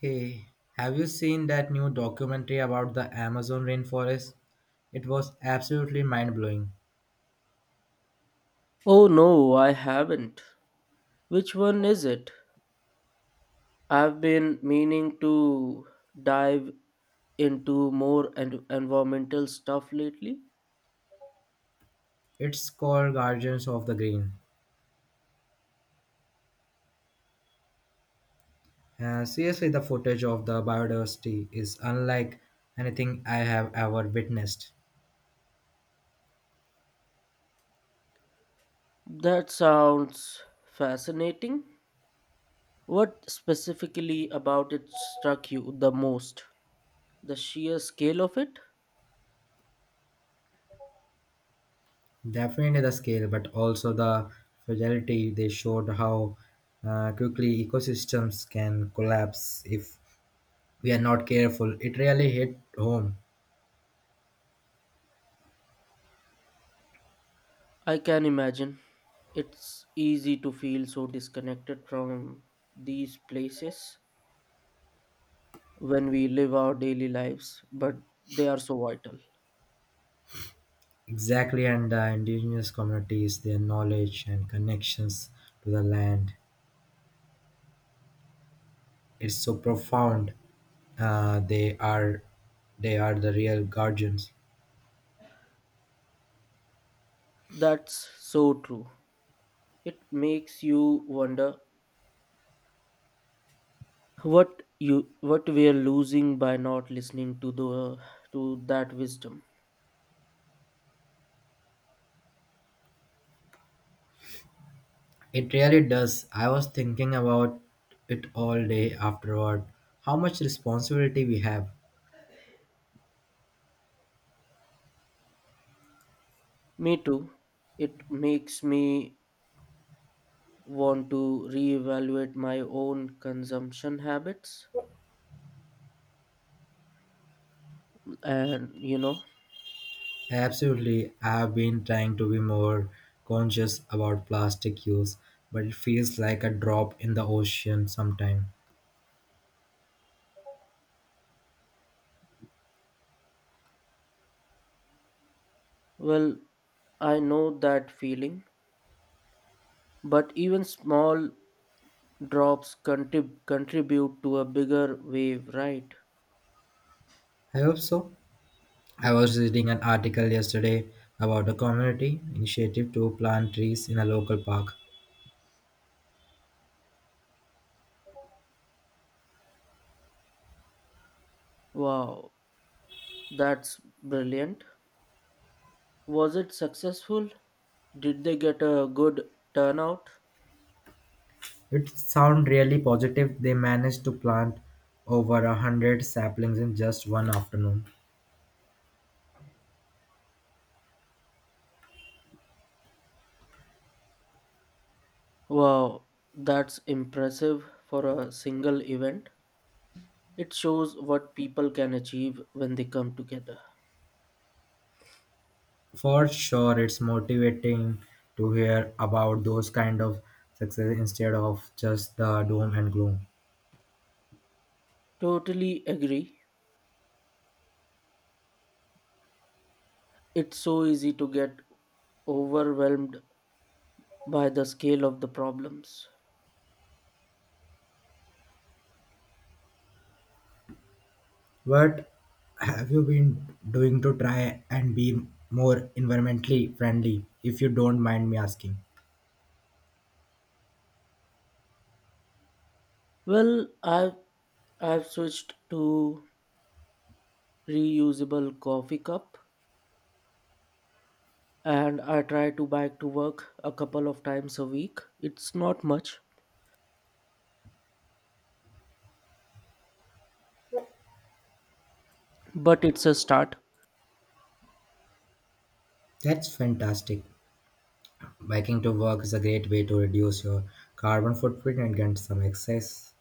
Hey, have you seen that new documentary about the Amazon rainforest? It was absolutely mind blowing. Oh, no, I haven't. Which one is it? I've been meaning to dive into more environmental stuff lately. It's called Guardians of the Green. Seriously, the footage of the biodiversity is unlike anything I have ever witnessed. That sounds fascinating. What specifically about it struck you the most? The sheer scale of it? Definitely the scale, but also the fragility. They showed how quickly ecosystems can collapse if we are not careful. It really hit home. I can imagine. It's easy to feel so disconnected from these places when we live our daily lives, but they are so vital. Exactly, and the indigenous communities, their knowledge and connections to the land is so profound. They are the real guardians. That's so true. It makes you wonder what we are losing by not listening to that wisdom. It really does. I was thinking about it all day afterward. How much responsibility we have. Me too. It makes me want to reevaluate my own consumption habits and Absolutely, I have been trying to be more conscious about plastic use, but it feels like a drop in the ocean sometime. well, I know that feeling, but even small drops contribute to a bigger wave, right? I hope so. I was reading an article yesterday about a community initiative to plant trees in a local park. Wow, that's brilliant. Was it successful? Did they get a good turnout? It sounded really positive. They managed to plant over 100 saplings in just one afternoon. Wow, that's impressive for a single event. It shows what people can achieve when they come together. For sure, it's motivating to hear about those kind of success instead of just the doom and gloom. Totally agree. It's so easy to get overwhelmed by the scale of the problems. What have you been doing to try and be more environmentally friendly, if you don't mind me asking? Well, I've switched to reusable coffee cup and I try to bike to work a couple of times a week. It's not much, but it's a start. That's fantastic. Biking to work is a great way to reduce your carbon footprint and get some exercise.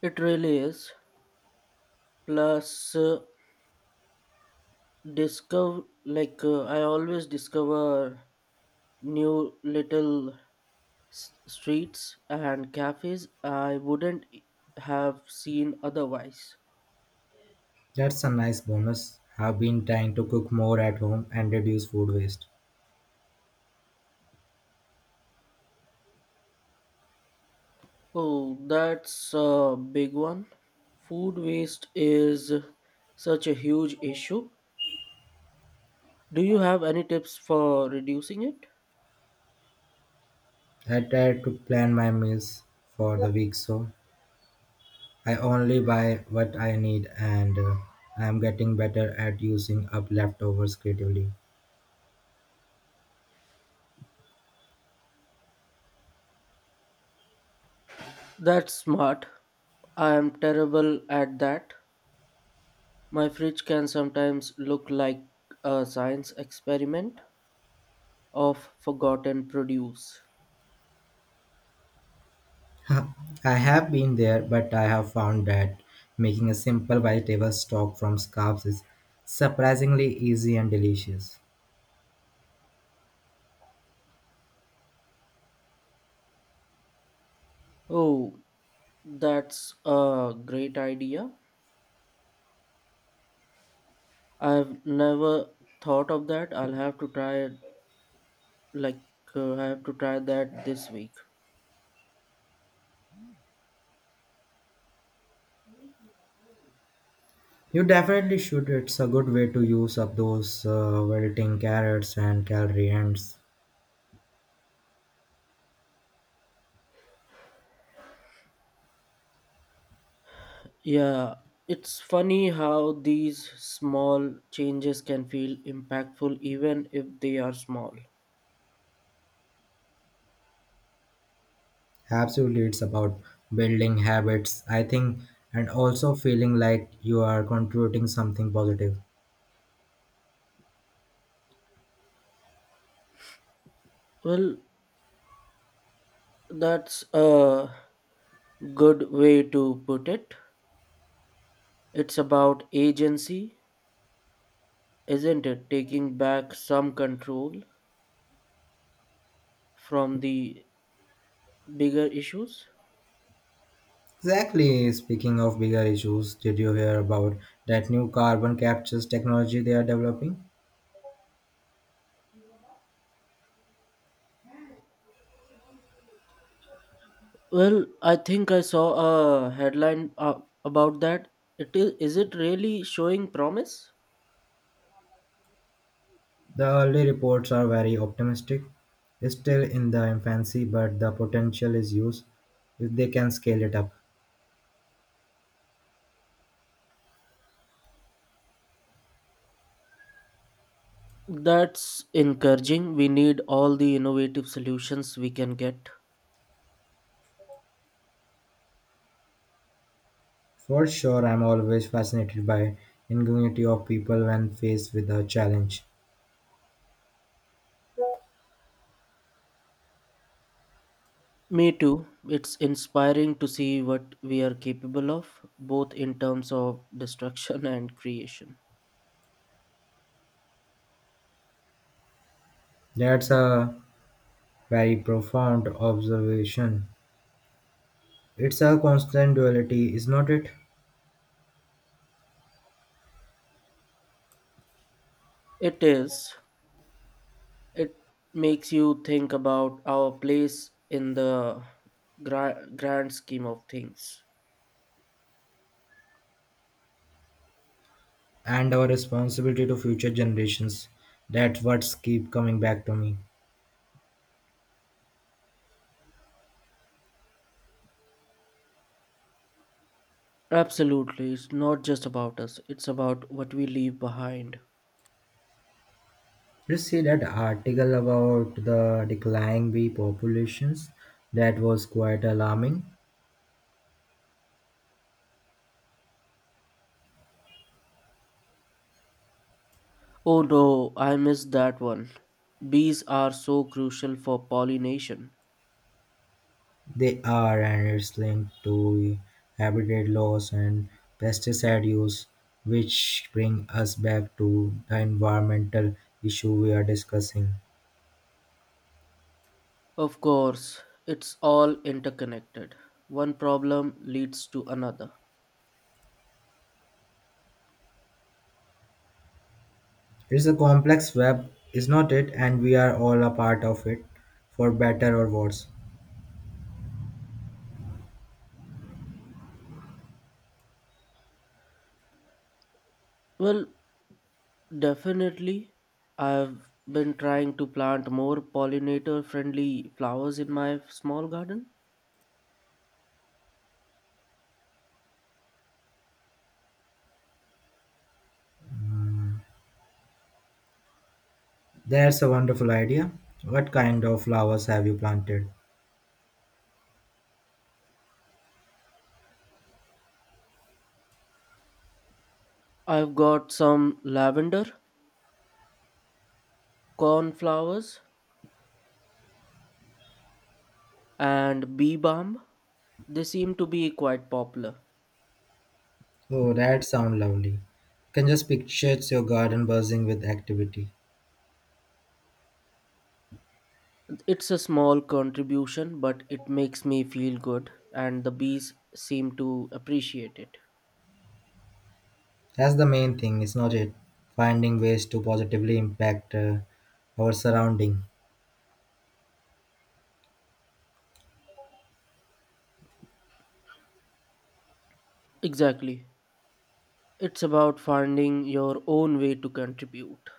It really is. Plus discover I always discover new little streets and cafes I wouldn't have seen otherwise. That's a nice bonus. I've been trying to cook more at home and reduce food waste. Oh, that's a big one. Food waste is such a huge issue. Do you have any tips for reducing it? I try to plan my meals for the week so I only buy what I need, and I'm getting better at using up leftovers creatively. That's smart. I am terrible at that. My fridge can sometimes look like a science experiment of forgotten produce. I have been there, but I have found that making a simple vegetable stock from scraps is surprisingly easy and delicious. Oh, that's a great idea. I've never thought of that. I'll have to try it, like I have to try that this week. You definitely should. It's a good way to use up those wilting carrots and calorie ends. Yeah, it's funny how these small changes can feel impactful even if they are small. Absolutely, it's about building habits, I think, and also feeling like you are contributing something positive. Well, that's a good way to put it. It's about agency, isn't it? Taking back some control from the bigger issues. Exactly. Speaking of bigger issues, did you hear about that new carbon captures technology they are developing? Well, I think I saw a headline about that. Is it really showing promise? The early reports are very optimistic. It's still in the infancy, but the potential is huge if they can scale it up. That's encouraging. We need all the innovative solutions we can get. For sure, I'm always fascinated by ingenuity of people when faced with a challenge. Me too. It's inspiring to see what we are capable of, both in terms of destruction and creation. That's a very profound observation. It's a constant duality, is not it? It is. It makes you think about our place in the grand scheme of things. And our responsibility to future generations. That's what's keep coming back to me. Absolutely, it's not just about us, it's about what we leave behind. You see that article about the declining bee populations? That was quite alarming. Oh, no, I missed that one. Bees are so crucial for pollination. They are, and it's linked to habitat loss and pesticide use, which bring us back to the environmental issue we are discussing. Of course, it's all interconnected. One problem leads to another. It's a complex web, is not it? And we are all a part of it, for better or worse. Well, definitely. I've been trying to plant more pollinator friendly flowers in my small garden. That's a wonderful idea. What kind of flowers have you planted? I've got some lavender, cornflowers, and bee balm. They seem to be quite popular. Oh, that sounds lovely. Can just picture your garden buzzing with activity. It's a small contribution, but it makes me feel good, and the bees seem to appreciate it. That's the main thing, is not it? Finding ways to positively impact our surrounding. Exactly. It's about finding your own way to contribute.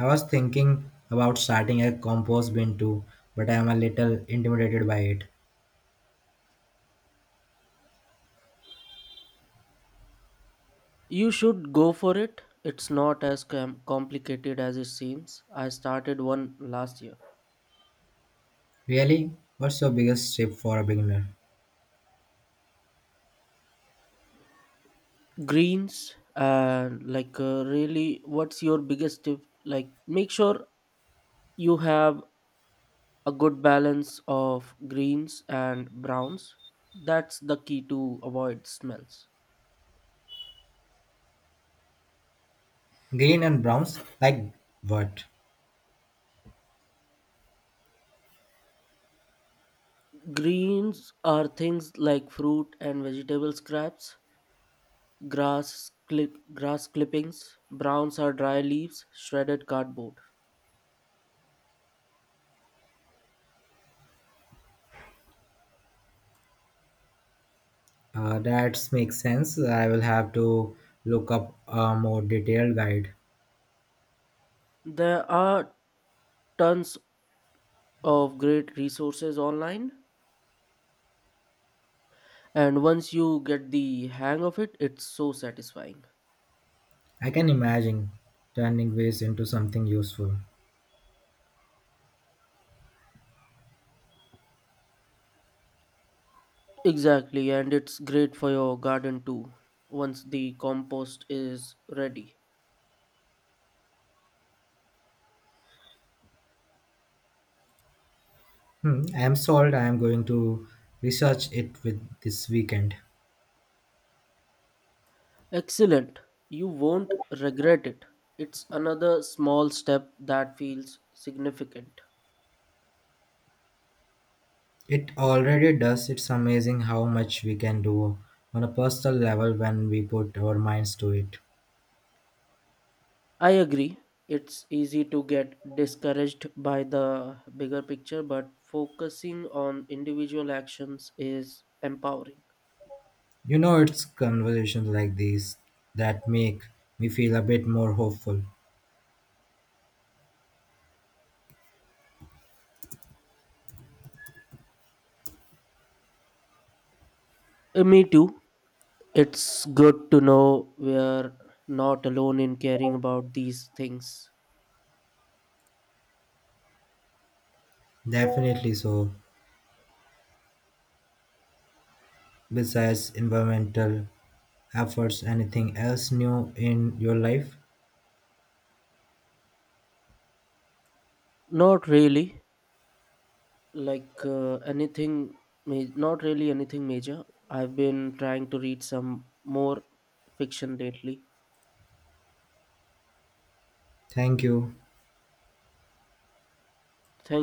I was thinking about starting a compost bin too, but I am a little intimidated by it. You should go for it. It's not as complicated as it seems. I started one last year. Really? What's your biggest tip for a beginner? Greens and like really what's your biggest tip? Like, make sure you have a good balance of greens and browns. That's the key to avoid smells. Green and browns? Like what? Greens are things like fruit and vegetable scraps, grass clippings. Browns are dry leaves, shredded cardboard. That makes sense. I will have to look up a more detailed guide. There are tons of great resources online, and once you get the hang of it, it's so satisfying. I can imagine turning waste into something useful. Exactly, and it's great for your garden too, once the compost is ready. Hmm, I am sold. I am going to research it with this weekend. Excellent. You won't regret it. It's another small step that feels significant. It already does. It's amazing how much we can do on a personal level when we put our minds to it. I agree. It's easy to get discouraged by the bigger picture, but focusing on individual actions is empowering. You know, it's conversations like these that make me feel a bit more hopeful. Me too. It's good to know we're not alone in caring about these things. Definitely so. Besides environmental efforts, anything else new in your life? Not really, like uh, anything, not really anything major. I've been trying to read some more fiction lately. Thank you.